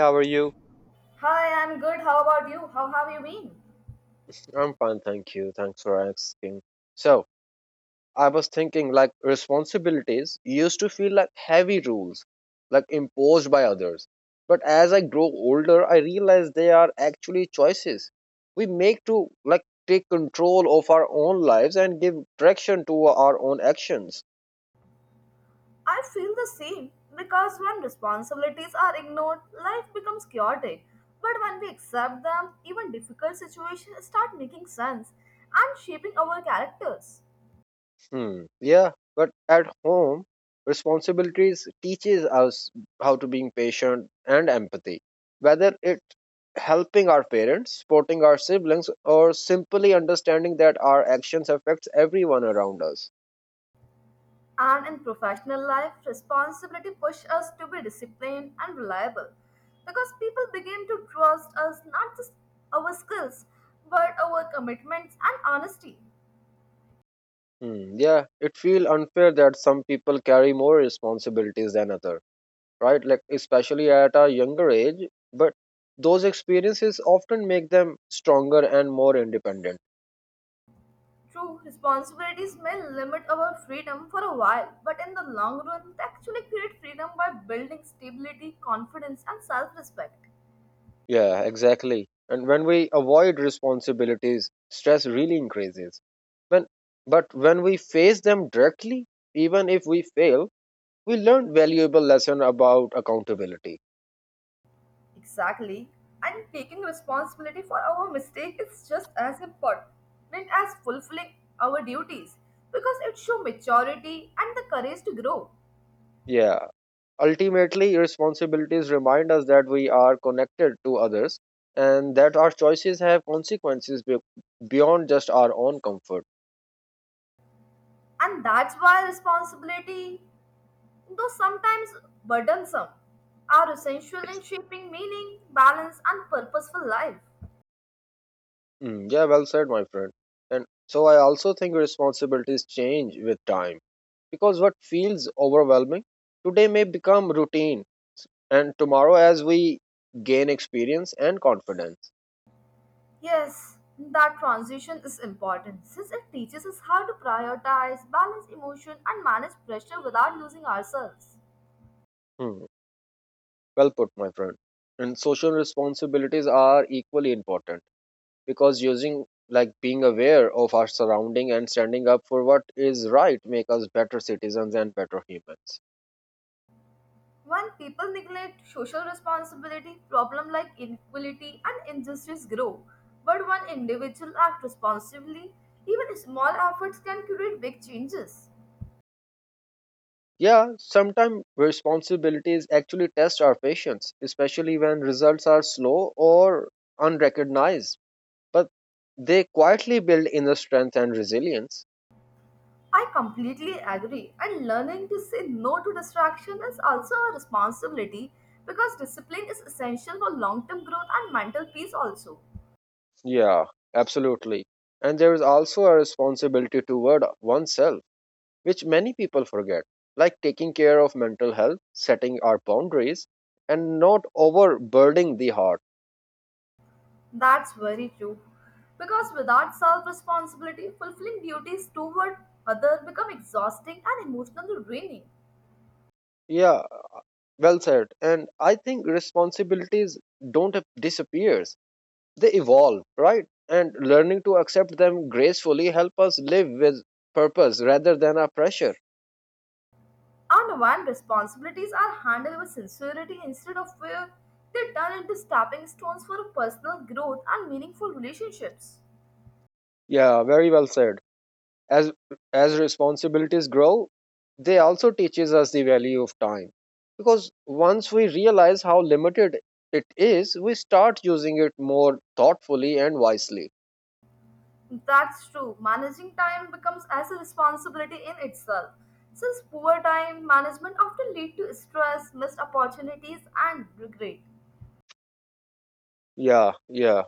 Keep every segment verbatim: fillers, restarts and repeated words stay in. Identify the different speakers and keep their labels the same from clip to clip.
Speaker 1: How are you?
Speaker 2: Hi, I'm good. How about you? How have you been?
Speaker 1: I'm fine, thank you. Thanks for asking. So, I was thinking like responsibilities used to feel like heavy rules, like imposed by others. But as I grow older, I realize they are actually choices we make to like take control of our own lives and give direction to our own actions.
Speaker 2: I feel the same because when responsibilities are ignored, life becomes chaotic. But when we accept them, even difficult situations start making sense and shaping our characters.
Speaker 1: Hmm. Yeah, but at home, responsibilities teaches us how to being patient and empathy. Whether it helping our parents, supporting our siblings, or simply understanding that our actions affects everyone around us.
Speaker 2: And in professional life, responsibility push us to be disciplined and reliable because people begin to trust us not just our skills but our commitments and honesty.
Speaker 1: Hmm. Yeah, it feel unfair that some people carry more responsibilities than other, right? Like especially at a younger age, but those experiences often make them stronger and more independent.
Speaker 2: True, responsibilities may limit our freedom for a while, but in the long run, they actually create freedom by building stability, confidence, and self respect.
Speaker 1: Yeah, exactly. And when we avoid responsibilities, stress really increases. When, but when we face them directly, even if we fail, we learn valuable lesson about accountability.
Speaker 2: Exactly. And taking responsibility for our mistake is just as important as fulfilling our duties because it shows maturity and the courage to grow.
Speaker 1: Yeah, ultimately, responsibilities remind us that we are connected to others and that our choices have consequences be- beyond just our own comfort.
Speaker 2: And that's why responsibility, though sometimes burdensome, are essential in shaping meaning, balance, and purposeful life.
Speaker 1: Mm, yeah, well said, my friend. And so I also think responsibilities change with time because what feels overwhelming today may become routine and tomorrow as we gain experience and confidence.
Speaker 2: Yes, that transition is important since it teaches us how to prioritize, balance emotion, and manage pressure without losing ourselves.
Speaker 1: Hmm, Well put, my friend. And social responsibilities are equally important because using like being aware of our surrounding and standing up for what is right make us better citizens and better humans.
Speaker 2: When people neglect social responsibility, problems like inequality and injustice grow. But when individuals act responsibly, even small efforts can create big changes.
Speaker 1: Yeah, sometimes responsibilities actually test our patience, especially when results are slow or unrecognized But they quietly build inner strength and resilience.
Speaker 2: I completely agree, and learning to say no to distraction is also a responsibility because discipline is essential for long term growth and mental peace, also.
Speaker 1: Yeah, absolutely. And there is also a responsibility toward oneself, which many people forget, like taking care of mental health, setting our boundaries, and not overburdening the heart.
Speaker 2: That's very true. Because without self responsibility, fulfilling duties toward others become exhausting and emotionally draining.
Speaker 1: Yeah, well said. And I think responsibilities don't ap- disappears; they evolve, right? And learning to accept them gracefully help us live with purpose rather than a pressure.
Speaker 2: And when responsibilities are handled with sincerity instead of fear, they turn into stepping stones for personal growth and meaningful relationships.
Speaker 1: Yeah, very well said. as as responsibilities grow, they also teaches us the value of time, because once we realize how limited it is, we start using it more thoughtfully and wisely.
Speaker 2: That's true. Managing time becomes as a responsibility in itself, since poor time management often lead to stress, missed opportunities, and regret.
Speaker 1: Yeah, yeah,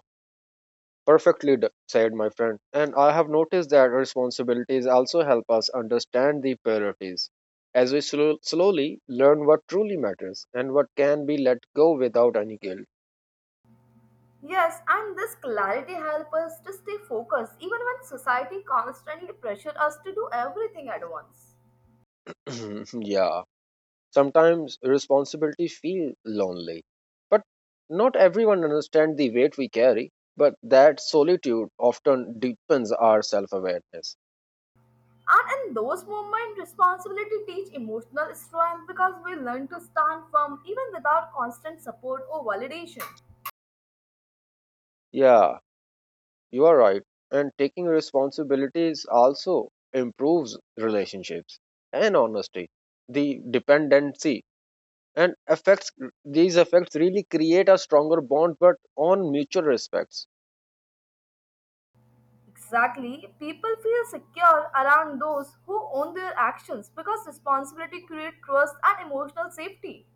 Speaker 1: perfectly d- said, my friend. And I have noticed that responsibilities also help us understand the priorities, as we slow, slowly learn what truly matters and what can be let go without any guilt.
Speaker 2: Yes, and this clarity helps us to stay focused even when society constantly pressures us to do everything at once.
Speaker 1: Yeah. Sometimes responsibility feel lonely, but not everyone understand the weight we carry, but that solitude often deepens our self-awareness.
Speaker 2: And in those moments, responsibility teach emotional strength because we learn to stand firm even without constant support or validation.
Speaker 1: Yeah, you are right. And taking responsibilities also improves relationships and honesty, the dependency and affects these effects really create a stronger bond but on mutual respects.
Speaker 2: Exactly, people feel secure around those who own their actions because responsibility creates trust and emotional safety.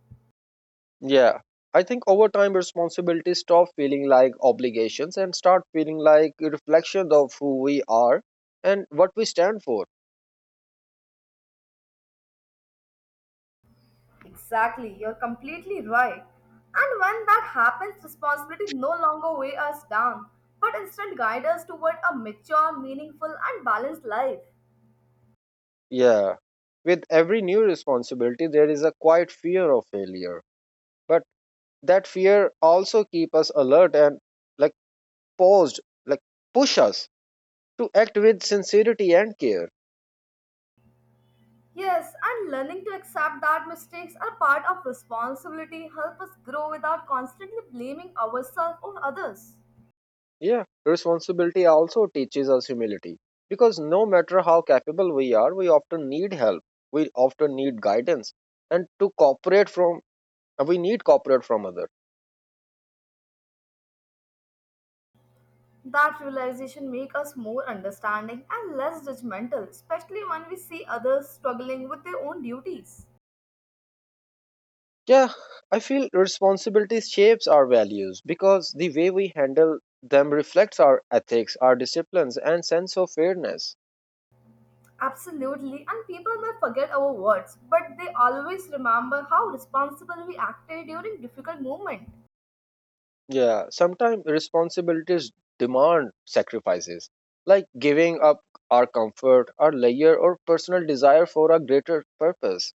Speaker 1: Yeah, I think over time responsibilities stop feeling like obligations and start feeling like a reflection of who we are and what we stand for.
Speaker 2: Exactly, you're completely right. And when that happens, responsibilities no longer weigh us down, but instead guide us toward a mature, meaningful, and balanced life.
Speaker 1: Yeah, with every new responsibility, there is a quiet fear of failure, but that fear also keep us alert and like paused, like push us to act with sincerity and care.
Speaker 2: Yes, and learning to accept that mistakes are part of responsibility help us grow without constantly blaming ourselves or others.
Speaker 1: Yeah, responsibility also teaches us humility because no matter how capable we are, we often need help. We often need guidance and to cooperate from we need cooperate from others.
Speaker 2: That realization make us more understanding and less judgmental, especially when we see others struggling with their own duties.
Speaker 1: Yeah, I feel responsibility shapes our values because the way we handle them reflects our ethics, our disciplines and sense of fairness.
Speaker 2: Absolutely, and people may forget our words, but they always remember how responsible we acted during difficult moments.
Speaker 1: Yeah, sometimes responsibilities demand sacrifices like giving up our comfort, our leisure or personal desire for a greater purpose.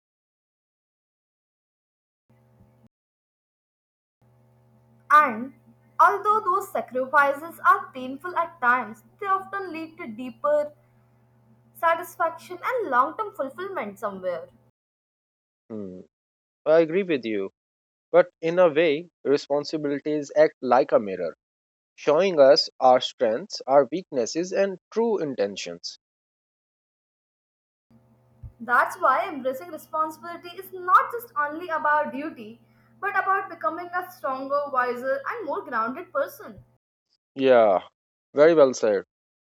Speaker 2: And although those sacrifices are painful at times, they often lead to deeper satisfaction and long-term fulfillment somewhere.
Speaker 1: Hmm, I agree with you. But in a way, responsibilities act like a mirror, showing us our strengths, our weaknesses, and true intentions.
Speaker 2: That's why embracing responsibility is not just only about duty, but about becoming a stronger, wiser, and more grounded person.
Speaker 1: Yeah, very well said.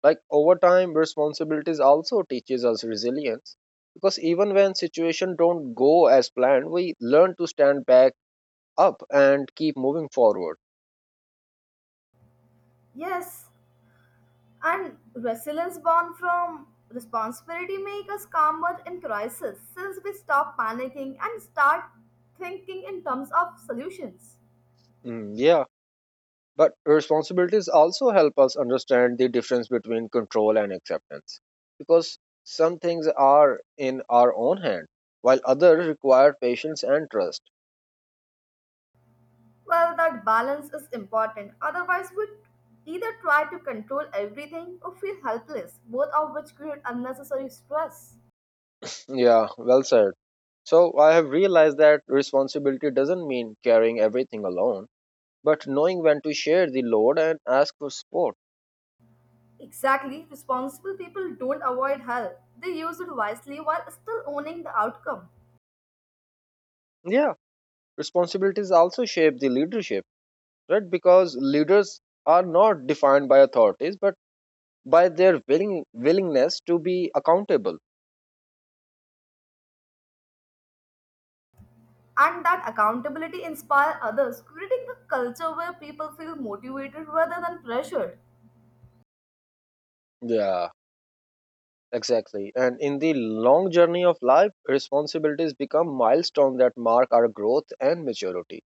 Speaker 1: Like over time, responsibilities also teaches us resilience because even when situations don't go as planned, we learn to stand back up and keep moving forward.
Speaker 2: Yes, and resilience born from responsibility make us calmer in crisis since we stop panicking and start thinking in terms of solutions.
Speaker 1: Hmm, yeah. But responsibilities also help us understand the difference between control and acceptance. Because some things are in our own hand, while others require patience and trust.
Speaker 2: Well, that balance is important. Otherwise, we either try to control everything or feel helpless, both of which create unnecessary stress.
Speaker 1: Yeah, well said. So I have realized that responsibility doesn't mean carrying everything alone, but knowing when to share the load and ask for support.
Speaker 2: Exactly, responsible people don't avoid help. They use it wisely while still owning the outcome.
Speaker 1: Yeah, responsibilities also shape the leadership, right? Because leaders are not defined by authorities, but by their willing willingness to be accountable.
Speaker 2: And that accountability inspire others, creating a culture where people feel motivated rather than pressured.
Speaker 1: Yeah, exactly. And in the long journey of life, responsibilities become milestones that mark our growth and maturity.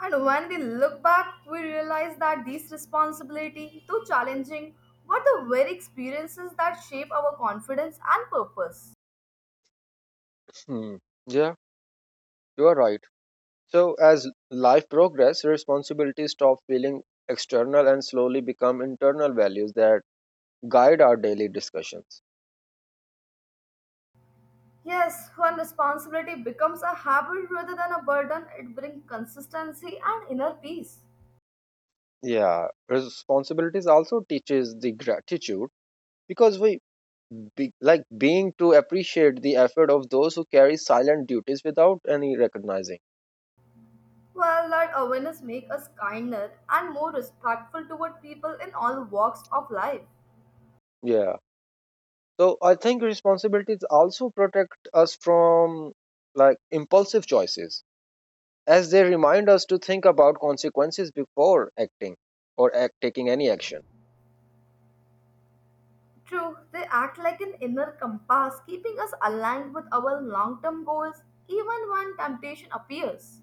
Speaker 2: And when we look back, we realize that these responsibility, though challenging, were the very experiences that shape our confidence and purpose.
Speaker 1: Hmm. Yeah, you are right. So as life progresses, responsibilities stop feeling external and slowly become internal values that guide our daily discussions.
Speaker 2: Yes, when responsibility becomes a habit rather than a burden, it brings consistency and inner peace.
Speaker 1: Yeah, responsibilities also teaches the gratitude because we be, like being to appreciate the effort of those who carry silent duties without any recognizing.
Speaker 2: Well, that awareness makes us kinder and more respectful toward people in all walks of life.
Speaker 1: Yeah. So I think responsibilities also protect us from like impulsive choices as they remind us to think about consequences before acting or act, taking any action.
Speaker 2: True, they act like an inner compass, keeping us aligned with our long term goals even when temptation appears.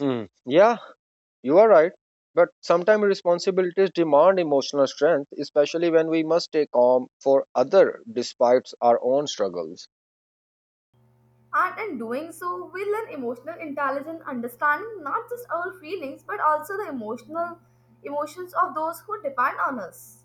Speaker 1: Hmm. Yeah, you are right. But sometimes responsibilities demand emotional strength, especially when we must take on for other despite our own struggles.
Speaker 2: And in doing so, we learn emotional intelligence, understanding not just our feelings but also the emotional emotions of those who depend on us.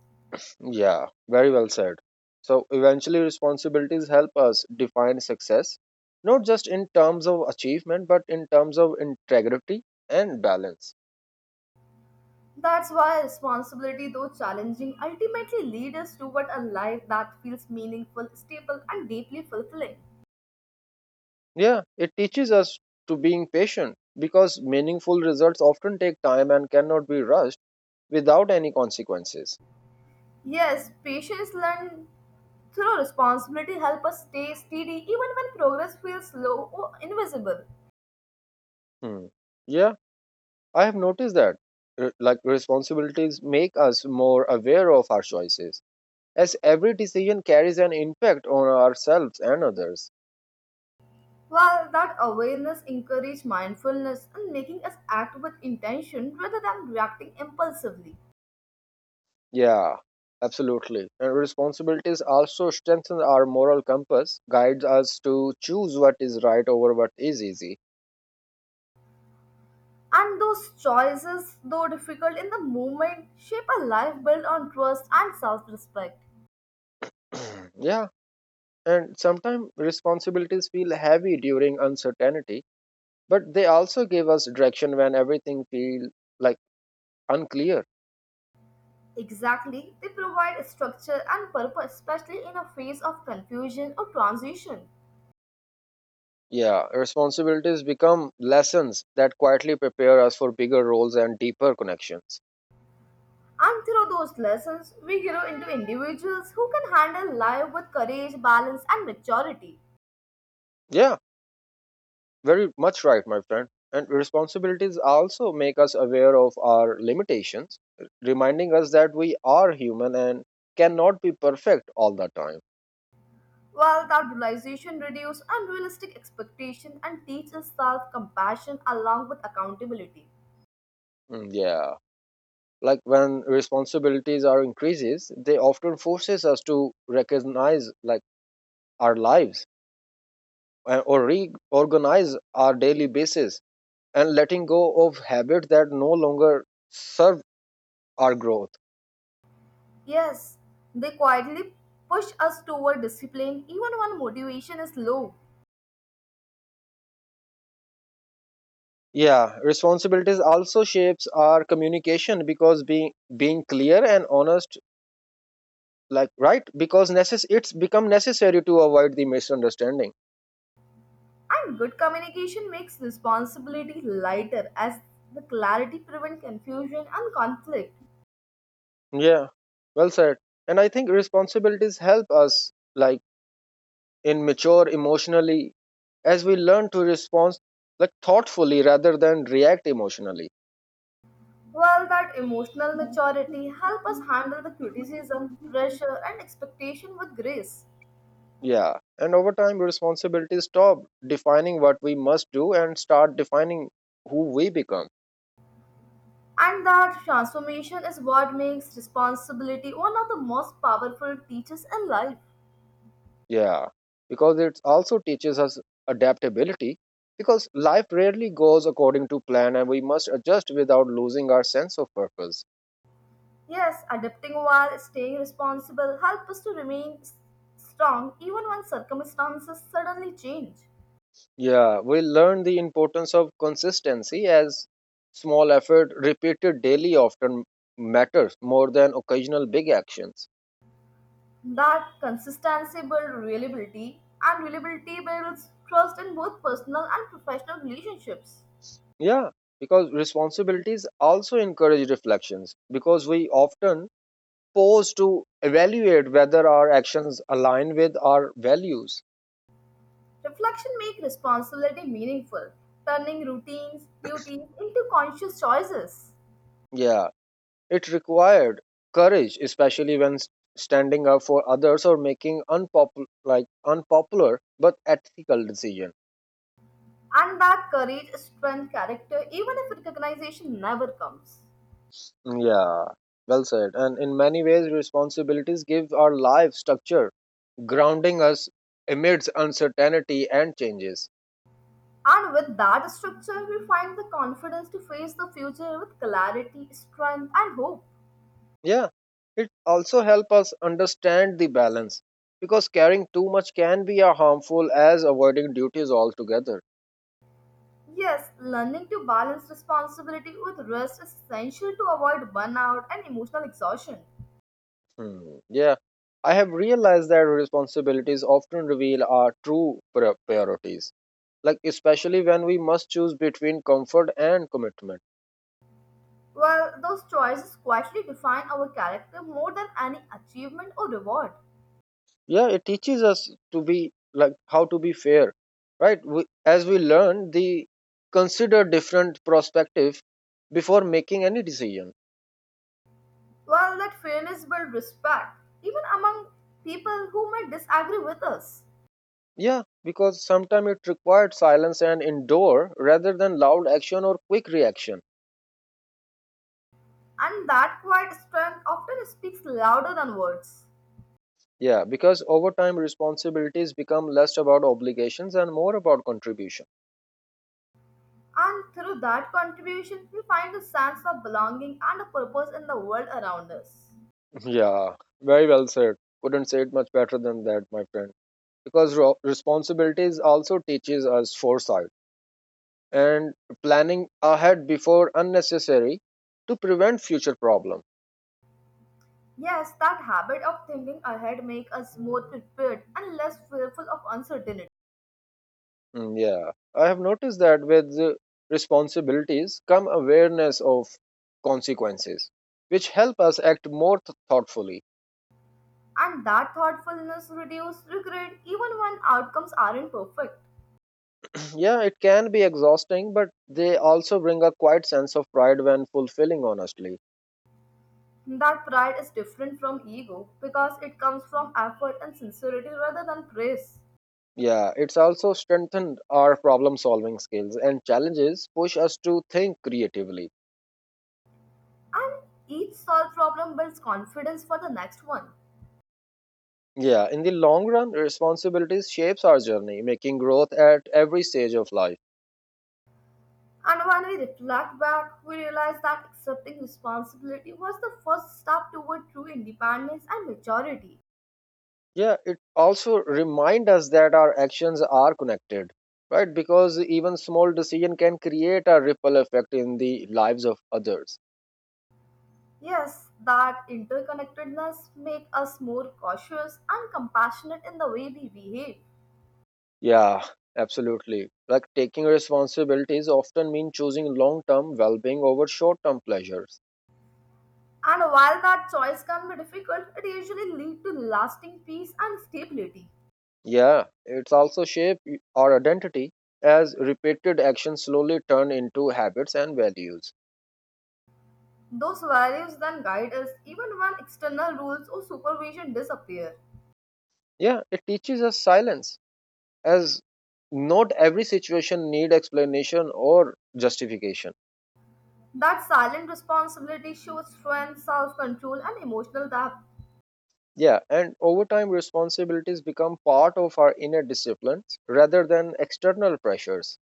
Speaker 1: Yeah, very well said. So eventually, responsibilities help us define success, not just in terms of achievement, but in terms of integrity and balance.
Speaker 2: That's why responsibility, though challenging, ultimately leads us toward a life that feels meaningful, stable, and deeply fulfilling.
Speaker 1: Yeah, it teaches us to being patient because meaningful results often take time and cannot be rushed without any consequences.
Speaker 2: Yes, patience learned through responsibility help us stay steady even when progress feels slow or invisible.
Speaker 1: Hmm. Yeah, I have noticed that. R- Like responsibilities make us more aware of our choices, as every decision carries an impact on ourselves and others.
Speaker 2: While that awareness encourages mindfulness and making us act with intention rather than reacting impulsively.
Speaker 1: Yeah, absolutely. And responsibilities also strengthen our moral compass, guides us to choose what is right over what is easy.
Speaker 2: And those choices, though difficult in the moment, shape a life built on trust and self-respect.
Speaker 1: Yeah, and sometimes responsibilities feel heavy during uncertainty, but they also give us direction when everything feels like unclear.
Speaker 2: Exactly, they provide structure and purpose, especially in a phase of confusion or transition.
Speaker 1: Yeah, responsibilities become lessons that quietly prepare us for bigger roles and deeper connections.
Speaker 2: And through those lessons, we grow into individuals who can handle life with courage, balance, and maturity.
Speaker 1: Yeah, very much right, my friend. And responsibilities also make us aware of our limitations, reminding us that we are human and cannot be perfect all the time.
Speaker 2: While that realization reduces unrealistic expectation and teaches self-compassion along with accountability.
Speaker 1: Mm, yeah. Like when responsibilities are increases, they often forces us to recognize like our lives uh, or reorganize our daily basis and letting go of habits that no longer serve our growth.
Speaker 2: Yes, they quietly push us toward discipline even when motivation is low.
Speaker 1: Yeah, responsibilities also shapes our communication because being being clear and honest, like right, because necess- it's become necessary to avoid the misunderstanding.
Speaker 2: And good communication makes responsibility lighter as the clarity prevents confusion and conflict.
Speaker 1: Yeah, well said. And I think responsibilities help us like in mature emotionally as we learn to respond like thoughtfully rather than react emotionally.
Speaker 2: Well, that emotional maturity helps us handle the criticism, pressure, and expectation with grace.
Speaker 1: Yeah, and over time, responsibilities stop defining what we must do and start defining who we become.
Speaker 2: And that transformation is what makes responsibility one of the most powerful teachers in life.
Speaker 1: Yeah, because it also teaches us adaptability because life rarely goes according to plan and we must adjust without losing our sense of purpose.
Speaker 2: Yes, adapting while staying responsible helps us to remain s- strong even when circumstances suddenly change.
Speaker 1: Yeah, we learn the importance of consistency as small effort repeated daily often matters more than occasional big actions.
Speaker 2: That consistency builds reliability, and reliability builds trust in both personal and professional relationships.
Speaker 1: Yeah, because responsibilities also encourage reflections because we often pause to evaluate whether our actions align with our values.
Speaker 2: Reflection makes responsibility meaningful, turning routines, duties into conscious choices.
Speaker 1: Yeah. It required courage, especially when s- standing up for others or making unpopular, like unpopular but ethical decisions.
Speaker 2: And that courage strengthens character even if recognition never comes.
Speaker 1: Yeah, well said. And in many ways, responsibilities give our life structure, grounding us amidst uncertainty and changes.
Speaker 2: And with that structure, we find the confidence to face the future with clarity, strength, and hope.
Speaker 1: Yeah, it also helps us understand the balance because carrying too much can be a harmful as avoiding duties altogether.
Speaker 2: Yes, learning to balance responsibility with rest is essential to avoid burnout and emotional exhaustion.
Speaker 1: Hmm, yeah, I have realized that responsibilities often reveal our true pri- priorities, like especially when we must choose between comfort and commitment.
Speaker 2: Well, those choices quietly define our character more than any achievement or reward.
Speaker 1: Yeah, it teaches us to be like how to be fair, right? We, as we learn, the consider different perspective before making any decision.
Speaker 2: Well, that fairness builds respect, even among people who might disagree with us.
Speaker 1: Yeah, because sometimes it required silence and endure rather than loud action or quick reaction.
Speaker 2: And that quiet strength often speaks louder than words.
Speaker 1: Yeah, because over time responsibilities become less about obligations and more about contribution.
Speaker 2: And through that contribution, we find a sense of belonging and a purpose in the world around us.
Speaker 1: Yeah, very well said. Couldn't say it much better than that, my friend. Because ro- responsibilities also teaches us foresight and planning ahead before unnecessary to prevent future problems.
Speaker 2: Yes, that habit of thinking ahead makes us more prepared and less fearful of uncertainty.
Speaker 1: Mm, yeah, I have noticed that with uh, responsibilities come awareness of consequences, which help us act more th- thoughtfully.
Speaker 2: And that thoughtfulness reduces regret even when outcomes aren't perfect.
Speaker 1: Yeah, it can be exhausting, but they also bring a quiet sense of pride when fulfilling, honestly.
Speaker 2: That pride is different from ego because it comes from effort and sincerity rather than praise.
Speaker 1: Yeah, it's also strengthened our problem solving skills, and challenges push us to think creatively.
Speaker 2: And each solved problem builds confidence for the next one.
Speaker 1: Yeah, in the long run, responsibilities shapes our journey, making growth at every stage of life.
Speaker 2: And when we reflect back, we realize that accepting responsibility was the first step toward true independence and maturity.
Speaker 1: Yeah, it also reminds us that our actions are connected, right? Because even small decision can create a ripple effect in the lives of others.
Speaker 2: Yes, that interconnectedness makes us more cautious and compassionate in the way we behave.
Speaker 1: Yeah, absolutely. Like taking responsibilities often mean choosing long-term well-being over short-term pleasures.
Speaker 2: And while that choice can be difficult, it usually leads to lasting peace and stability.
Speaker 1: Yeah, it's also shape y- our identity as repeated actions slowly turn into habits and values.
Speaker 2: Those values then guide us even when external rules or supervision disappear.
Speaker 1: Yeah, it teaches us silence as not every situation need explanation or justification.
Speaker 2: That silent responsibility shows strength, self control, and emotional depth.
Speaker 1: Yeah, and over time responsibilities become part of our inner disciplines rather than external pressures.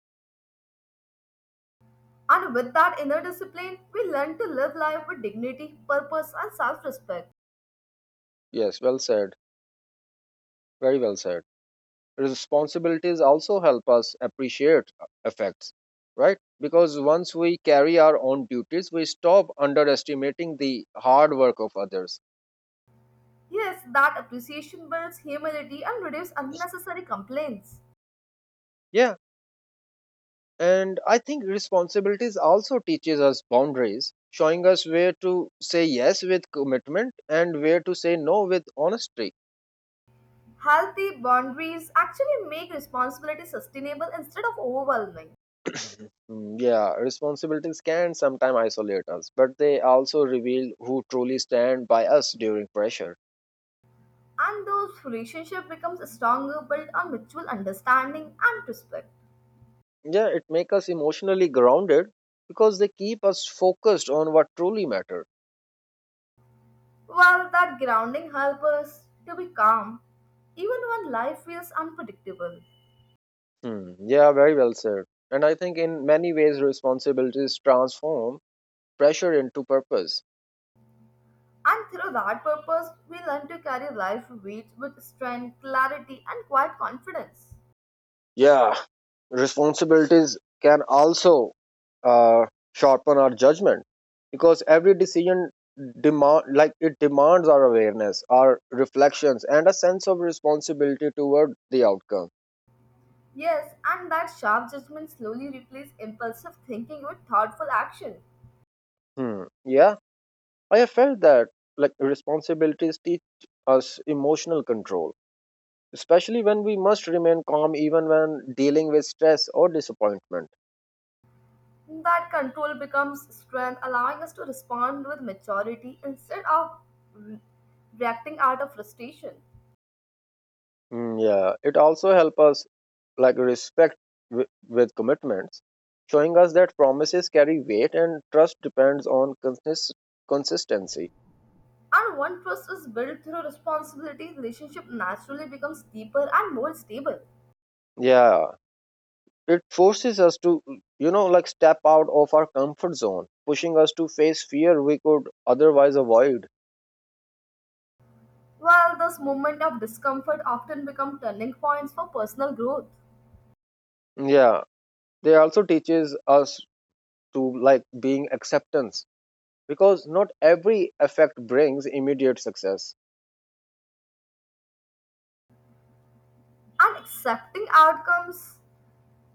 Speaker 2: And with that inner discipline, we learn to live life with dignity, purpose, and self respect.
Speaker 1: Yes, well said. Very well said. Responsibilities also help us appreciate effects, right? Because once we carry our own duties, we stop underestimating the hard work of others.
Speaker 2: Yes, that appreciation builds humility and reduces unnecessary complaints.
Speaker 1: Yeah, and I think responsibilities also teaches us boundaries, showing us where to say yes with commitment and where to say no with honesty.
Speaker 2: Healthy boundaries actually make responsibility sustainable instead of overwhelming.
Speaker 1: Mm, yeah, responsibilities can sometimes isolate us, but they also reveal who truly stand by us during pressure.
Speaker 2: And those relationship becomes stronger built on mutual understanding and respect.
Speaker 1: Yeah, it makes us emotionally grounded because they keep us focused on what truly matters.
Speaker 2: Well, that grounding helps us to be calm even when life feels unpredictable.
Speaker 1: Hmm. Yeah, very well said. And I think in many ways, responsibilities transform pressure into purpose.
Speaker 2: And through that purpose, we learn to carry life weights with strength, clarity, and quiet confidence.
Speaker 1: Yeah, responsibilities can also uh, sharpen our judgment because every decision demand like it demands our awareness, our reflections, and a sense of responsibility toward the outcome.
Speaker 2: Yes, and that sharp judgment slowly replaces impulsive thinking with thoughtful action.
Speaker 1: Hmm. Yeah, I have felt that, like responsibilities teach us emotional control, especially when we must remain calm even when dealing with stress or disappointment.
Speaker 2: That control becomes strength, allowing us to respond with maturity instead of re- reacting out of frustration.
Speaker 1: Mm, yeah, it also helps us like respect wi- with commitments, showing us that promises carry weight and trust depends on consist- consistency.
Speaker 2: And when trust is built through responsibility, relationship naturally becomes deeper and more stable.
Speaker 1: Yeah, it forces us to, you know like step out of our comfort zone, pushing us to face fear we could otherwise avoid.
Speaker 2: While this moment of discomfort often become turning points for personal growth.
Speaker 1: Yeah, they also teaches us to like being acceptance because not every effect brings immediate success.
Speaker 2: And accepting outcomes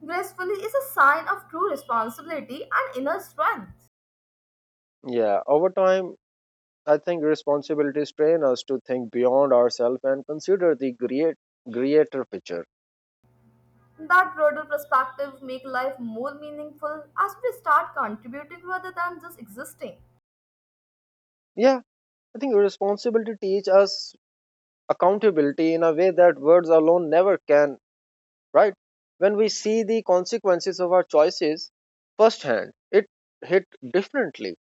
Speaker 2: gracefully is a sign of true responsibility and inner strength.
Speaker 1: Yeah, over time I think responsibilities train us to think beyond ourselves and consider the great greater picture.
Speaker 2: That broader perspective make life more meaningful as we start contributing rather than just existing.
Speaker 1: Yeah, I think responsibility teach us accountability in a way that words alone never can, right? When we see the consequences of our choices firsthand, it hit differently.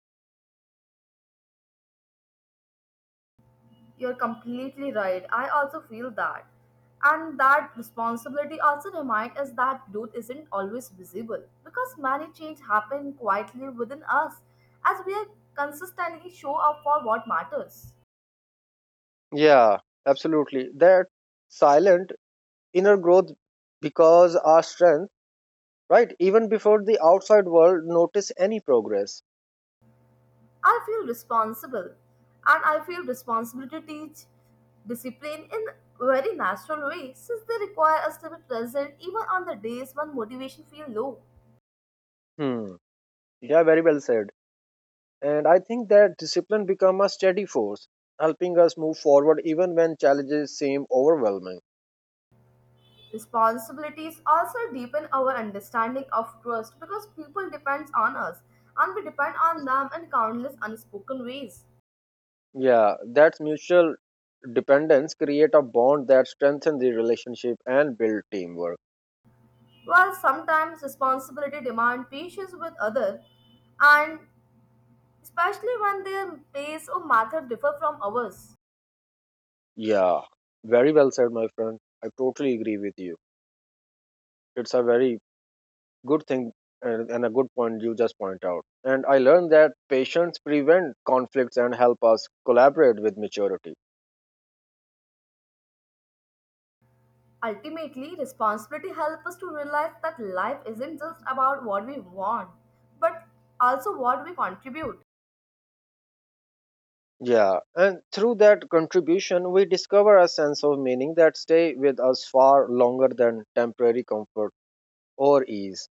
Speaker 2: You're completely right. I also feel that. And that responsibility also reminds us that growth isn't always visible because many change happen quietly within us as we are consistently show up for what matters.
Speaker 1: Yeah, absolutely that silent inner growth because our strength, right? Even before the outside world notice any progress.
Speaker 2: I feel responsible and I feel responsibility to teach discipline in very natural way since they require us to be present even on the days when motivation feels low.
Speaker 1: Hmm. Yeah, very well said. And I think that discipline become a steady force, helping us move forward even when challenges seem overwhelming.
Speaker 2: Responsibilities also deepen our understanding of trust because people depend on us and we depend on them in countless unspoken ways.
Speaker 1: Yeah, that mutual dependence create a bond that strengthen the relationship and build teamwork.
Speaker 2: While sometimes responsibility demand patience with others and especially when their pace or method differ from ours.
Speaker 1: Yeah, very well said, my friend. I totally agree with you. It's a very good thing and and a good point you just point out. And I learned that patience prevent conflicts and help us collaborate with maturity.
Speaker 2: Ultimately, responsibility helps us to realize that life isn't just about what we want, but also what we contribute.
Speaker 1: Yeah, and through that contribution, we discover a sense of meaning that stay with us far longer than temporary comfort or ease.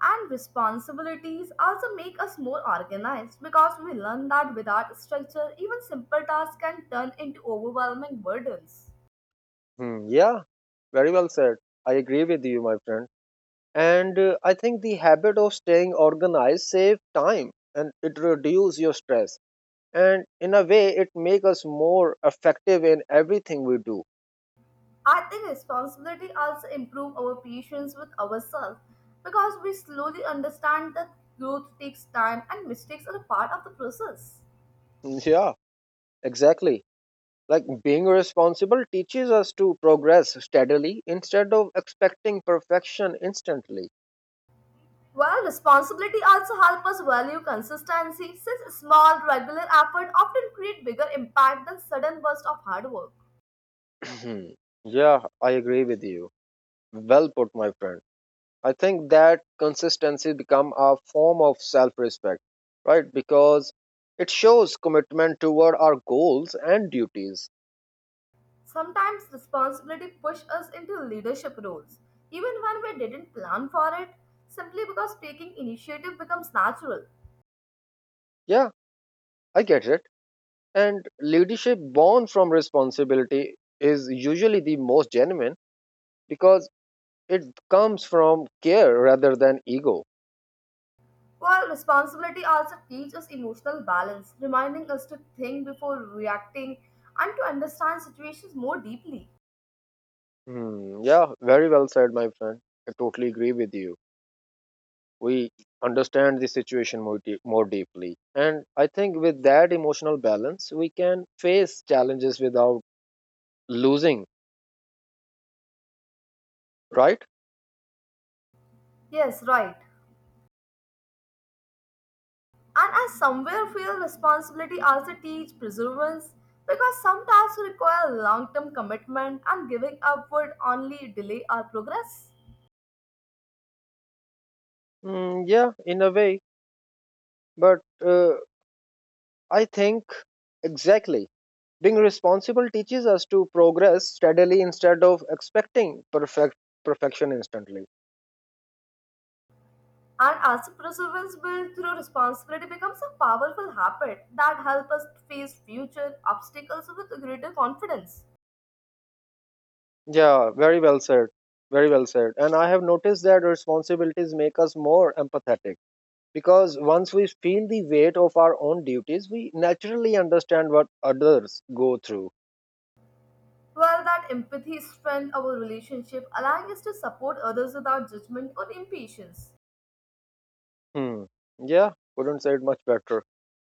Speaker 2: And responsibilities also make us more organized because we learn that without structure, even simple tasks can turn into overwhelming burdens.
Speaker 1: Hmm, yeah, very well said. I agree with you, my friend. And uh, I think the habit of staying organized save time and it reduce your stress. And in a way, it make us more effective in everything we do.
Speaker 2: I think responsibility also improves our patience with ourselves because we slowly understand that growth takes time and mistakes are a part of the process.
Speaker 1: Yeah, exactly. Like being responsible teaches us to progress steadily instead of expecting perfection instantly.
Speaker 2: Well, responsibility also helps us value consistency since small, regular effort often create bigger impact than sudden burst of hard work.
Speaker 1: Yeah, I agree with you. Well put, my friend. I think that consistency become a form of self-respect, right? Because it shows commitment toward our goals and duties.
Speaker 2: Sometimes responsibility pushes us into leadership roles, even when we didn't plan for it, simply because taking initiative becomes natural.
Speaker 1: Yeah, I get it. And leadership born from responsibility is usually the most genuine because it comes from care rather than ego.
Speaker 2: While responsibility also teaches emotional balance, reminding us to think before reacting and to understand situations more deeply.
Speaker 1: Hmm, yeah, very well said, my friend. I totally agree with you. We understand the situation more, deep, more deeply. And I think with that emotional balance, we can face challenges without losing, right?
Speaker 2: Yes, right. And I somewhere feel responsibility also teach perseverance because some tasks require long-term commitment and giving up would only delay our progress.
Speaker 1: Hmm, yeah, in a way. But uh, I think exactly. Being responsible teaches us to progress steadily instead of expecting perfect perfection instantly.
Speaker 2: And as perseverance built through responsibility becomes a powerful habit that helps us face future obstacles with greater confidence.
Speaker 1: Yeah, very well said. Very well said. And I have noticed that responsibilities make us more empathetic because once we feel the weight of our own duties, we naturally understand what others go through.
Speaker 2: While that empathy strengthens our relationship, allowing us to support others without judgment or impatience.
Speaker 1: Hmm. Yeah, couldn't say it much better.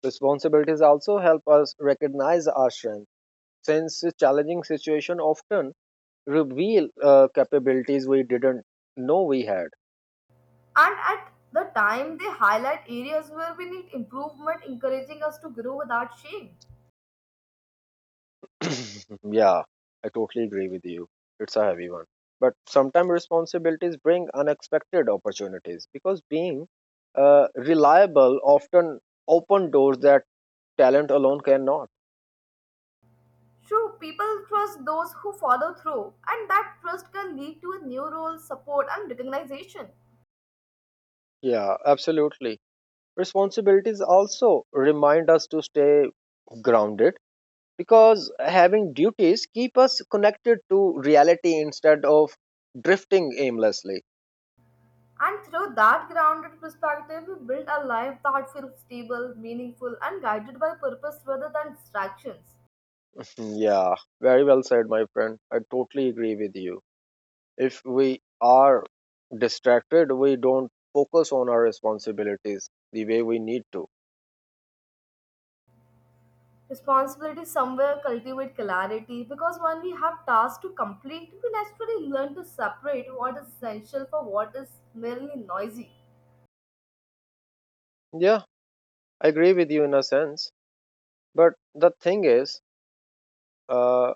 Speaker 1: Responsibilities also help us recognize our strength since the challenging situation often reveal uh, capabilities we didn't know we had.
Speaker 2: And at the time, they highlight areas where we need improvement, encouraging us to grow without shame.
Speaker 1: Yeah, I totally agree with you. It's a heavy one. But sometimes responsibilities bring unexpected opportunities because being uh, reliable often open doors that talent alone cannot.
Speaker 2: True, people trust those who follow through, and that trust can lead to a new role, support, and recognition.
Speaker 1: Yeah, absolutely. Responsibilities also remind us to stay grounded because having duties keep us connected to reality instead of drifting aimlessly.
Speaker 2: And through that grounded perspective, we build a life that feels stable, meaningful, and guided by purpose rather than distractions.
Speaker 1: Yeah, very well said, my friend. I totally agree with you. If we are distracted, we don't focus on our responsibilities the way we need to.
Speaker 2: Responsibility somewhere cultivate clarity because when we have tasks to complete, we naturally learn to separate what is essential for what is merely noisy.
Speaker 1: Yeah, I agree with you in a sense. But the thing is, uh,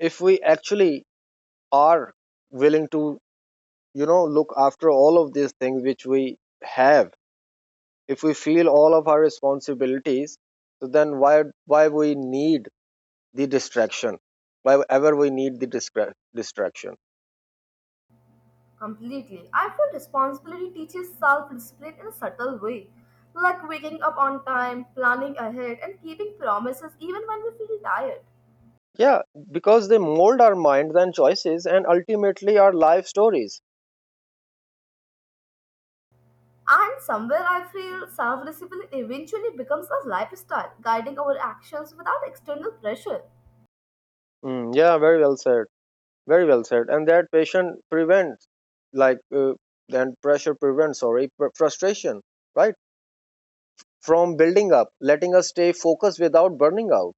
Speaker 1: if we actually are willing to, you know, look after all of these things which we have, if we feel all of our responsibilities, so then why why we need the distraction? Why ever we need the distra- distraction?
Speaker 2: Completely. I feel responsibility teaches self discipline in a subtle way, like waking up on time, planning ahead, and keeping promises even when we feel tired.
Speaker 1: Yeah, because they mold our minds and choices and ultimately our life stories.
Speaker 2: And somewhere I feel self discipline eventually becomes a lifestyle, guiding our actions without external pressure.
Speaker 1: Mm, yeah, very well said. Very well said. And that patient prevents, like, uh, and pressure prevents, sorry, pr- frustration, right? From building up, letting us stay focused without burning out.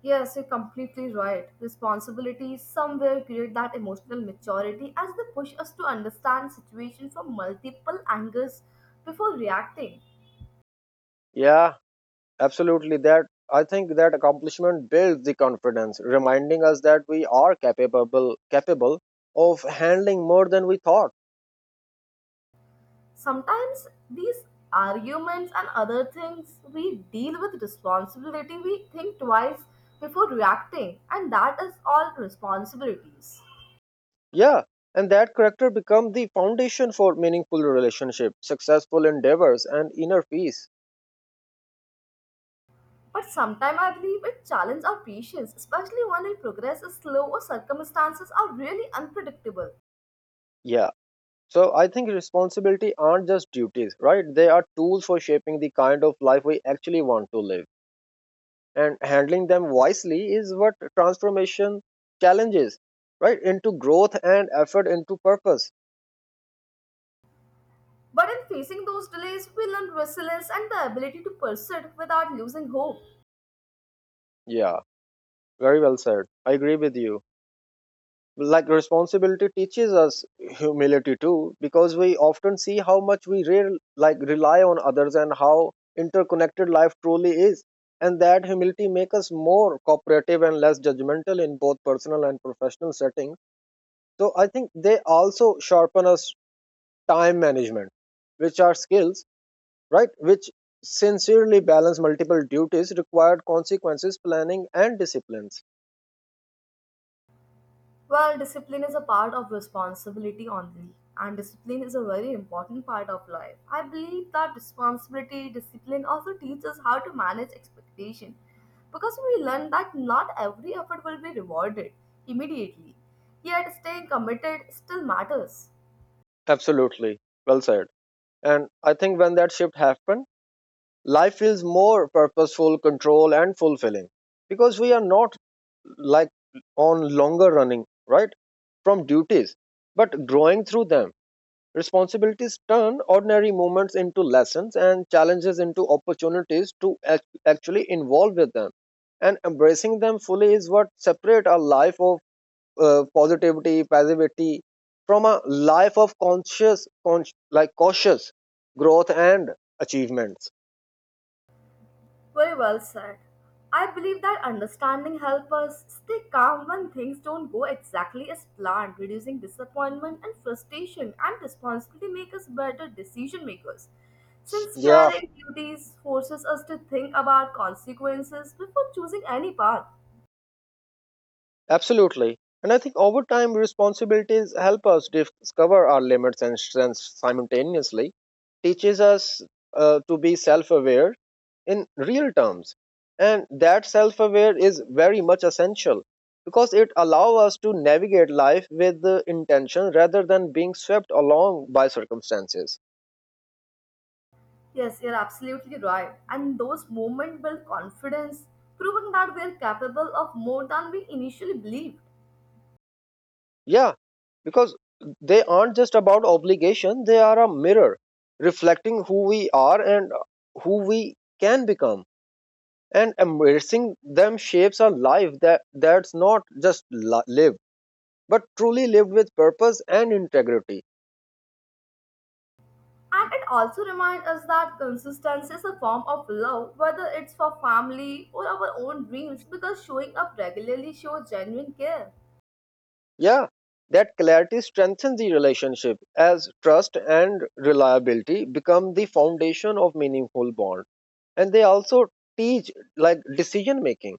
Speaker 2: Yes, you're completely right. Responsibilities somewhere create that emotional maturity as they push us to understand situations from multiple angles before reacting.
Speaker 1: Yeah, absolutely. That I think that accomplishment builds the confidence, reminding us that we are capable capable of handling more than we thought.
Speaker 2: Sometimes these arguments and other things we deal with responsibility, we think twice before reacting, and that is all responsibilities.
Speaker 1: Yeah, and that character become the foundation for meaningful relationships, successful endeavors, and inner peace.
Speaker 2: But sometimes I believe it challenges our patience, especially when our progress is slow or circumstances are really unpredictable.
Speaker 1: Yeah. So I think responsibility aren't just duties, right? They are tools for shaping the kind of life we actually want to live. And handling them wisely is what transformation challenges, right? Into growth and effort into purpose.
Speaker 2: But in facing those delays, we learn resilience and the ability to persist without losing hope.
Speaker 1: Yeah, very well said. I agree with you. Like responsibility teaches us humility too because we often see how much we re- like rely on others and how interconnected life truly is, and that humility makes us more cooperative and less judgmental in both personal and professional settings. So I think they also sharpen us time management, which are skills, right, which sincerely balance multiple duties required consequences planning and disciplines.
Speaker 2: Well, discipline is a part of responsibility only, and discipline is a very important part of life. I believe that responsibility, discipline also teaches how to manage expectation because we learn that not every effort will be rewarded immediately. Yet staying committed still matters.
Speaker 1: Absolutely, well said. And I think when that shift happens, life feels more purposeful, control, and fulfilling because we are not, like, on longer running, right? From duties, but growing through them. Responsibilities turn ordinary moments into lessons and challenges into opportunities to act- actually involve with them. And embracing them fully is what separate our life of uh, positivity, passivity from a life of conscious, con- like cautious growth and achievements.
Speaker 2: Very well said. I believe that understanding helps us stay calm when things don't go exactly as planned, reducing disappointment and frustration, and responsibility make us better decision makers. Since
Speaker 1: Yeah.
Speaker 2: caring duties forces us to think about consequences before choosing any path.
Speaker 1: Absolutely. And I think over time, responsibilities help us discover our limits and strengths simultaneously, teaches us uh, to be self aware in real terms. And that self aware is very much essential because it allows us to navigate life with the intention rather than being swept along by circumstances.
Speaker 2: Yes, you're absolutely right. And those moments build confidence, proving that we're capable of more than we initially believed.
Speaker 1: Yeah, because they aren't just about obligation, they are a mirror reflecting who we are and who we can become. And embracing them shapes a life that that's not just li- lived, but truly lived with purpose and integrity.
Speaker 2: And it also reminds us that consistency is a form of love, whether it's for family or our own dreams, because showing up regularly shows genuine care.
Speaker 1: Yeah, that clarity strengthens the relationship as trust and reliability become the foundation of meaningful bond. And they also teach like decision making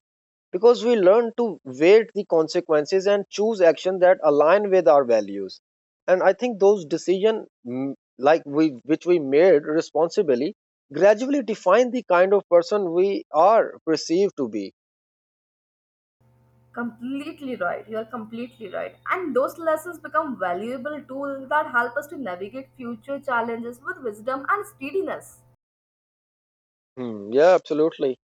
Speaker 1: because we learn to weight the consequences and choose action that align with our values. And I think those decision mm, like we which we made responsibly gradually define the kind of person we are perceived to be.
Speaker 2: Completely right. You are completely right. And those lessons become valuable tools that help us to navigate future challenges with wisdom and steadiness.
Speaker 1: Hmm, yeah, absolutely.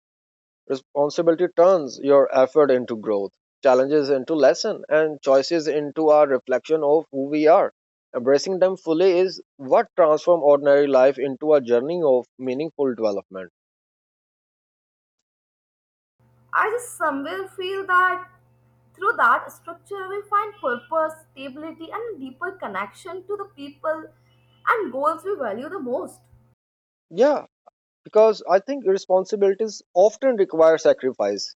Speaker 1: Responsibility turns your effort into growth, challenges into lesson, and choices into our reflection of who we are. Embracing them fully is what transforms ordinary life into a journey of meaningful development.
Speaker 2: I just somewhere feel that through that structure we find purpose, stability, and deeper connection to the people and goals we value the most.
Speaker 1: Yeah, because I think responsibilities often require sacrifice,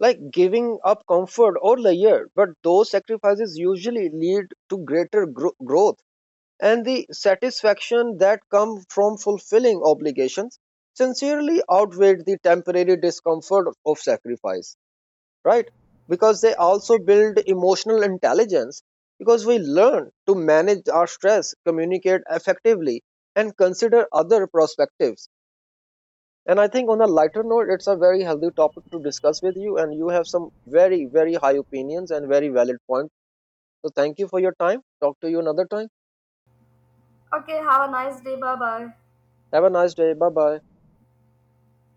Speaker 1: like giving up comfort or leisure. But those sacrifices usually lead to greater gro- growth, and the satisfaction that come from fulfilling obligations sincerely outweigh the temporary discomfort of sacrifice, right? Because they also build emotional intelligence because we learn to manage our stress, communicate effectively, and consider other perspectives. And I think on a lighter note, it's a very healthy topic to discuss with you, and you have some very, very high opinions and very valid points. So thank you for your time. Talk to you another time.
Speaker 2: Okay, have a nice day. Bye bye.
Speaker 1: Have a nice day. Bye bye.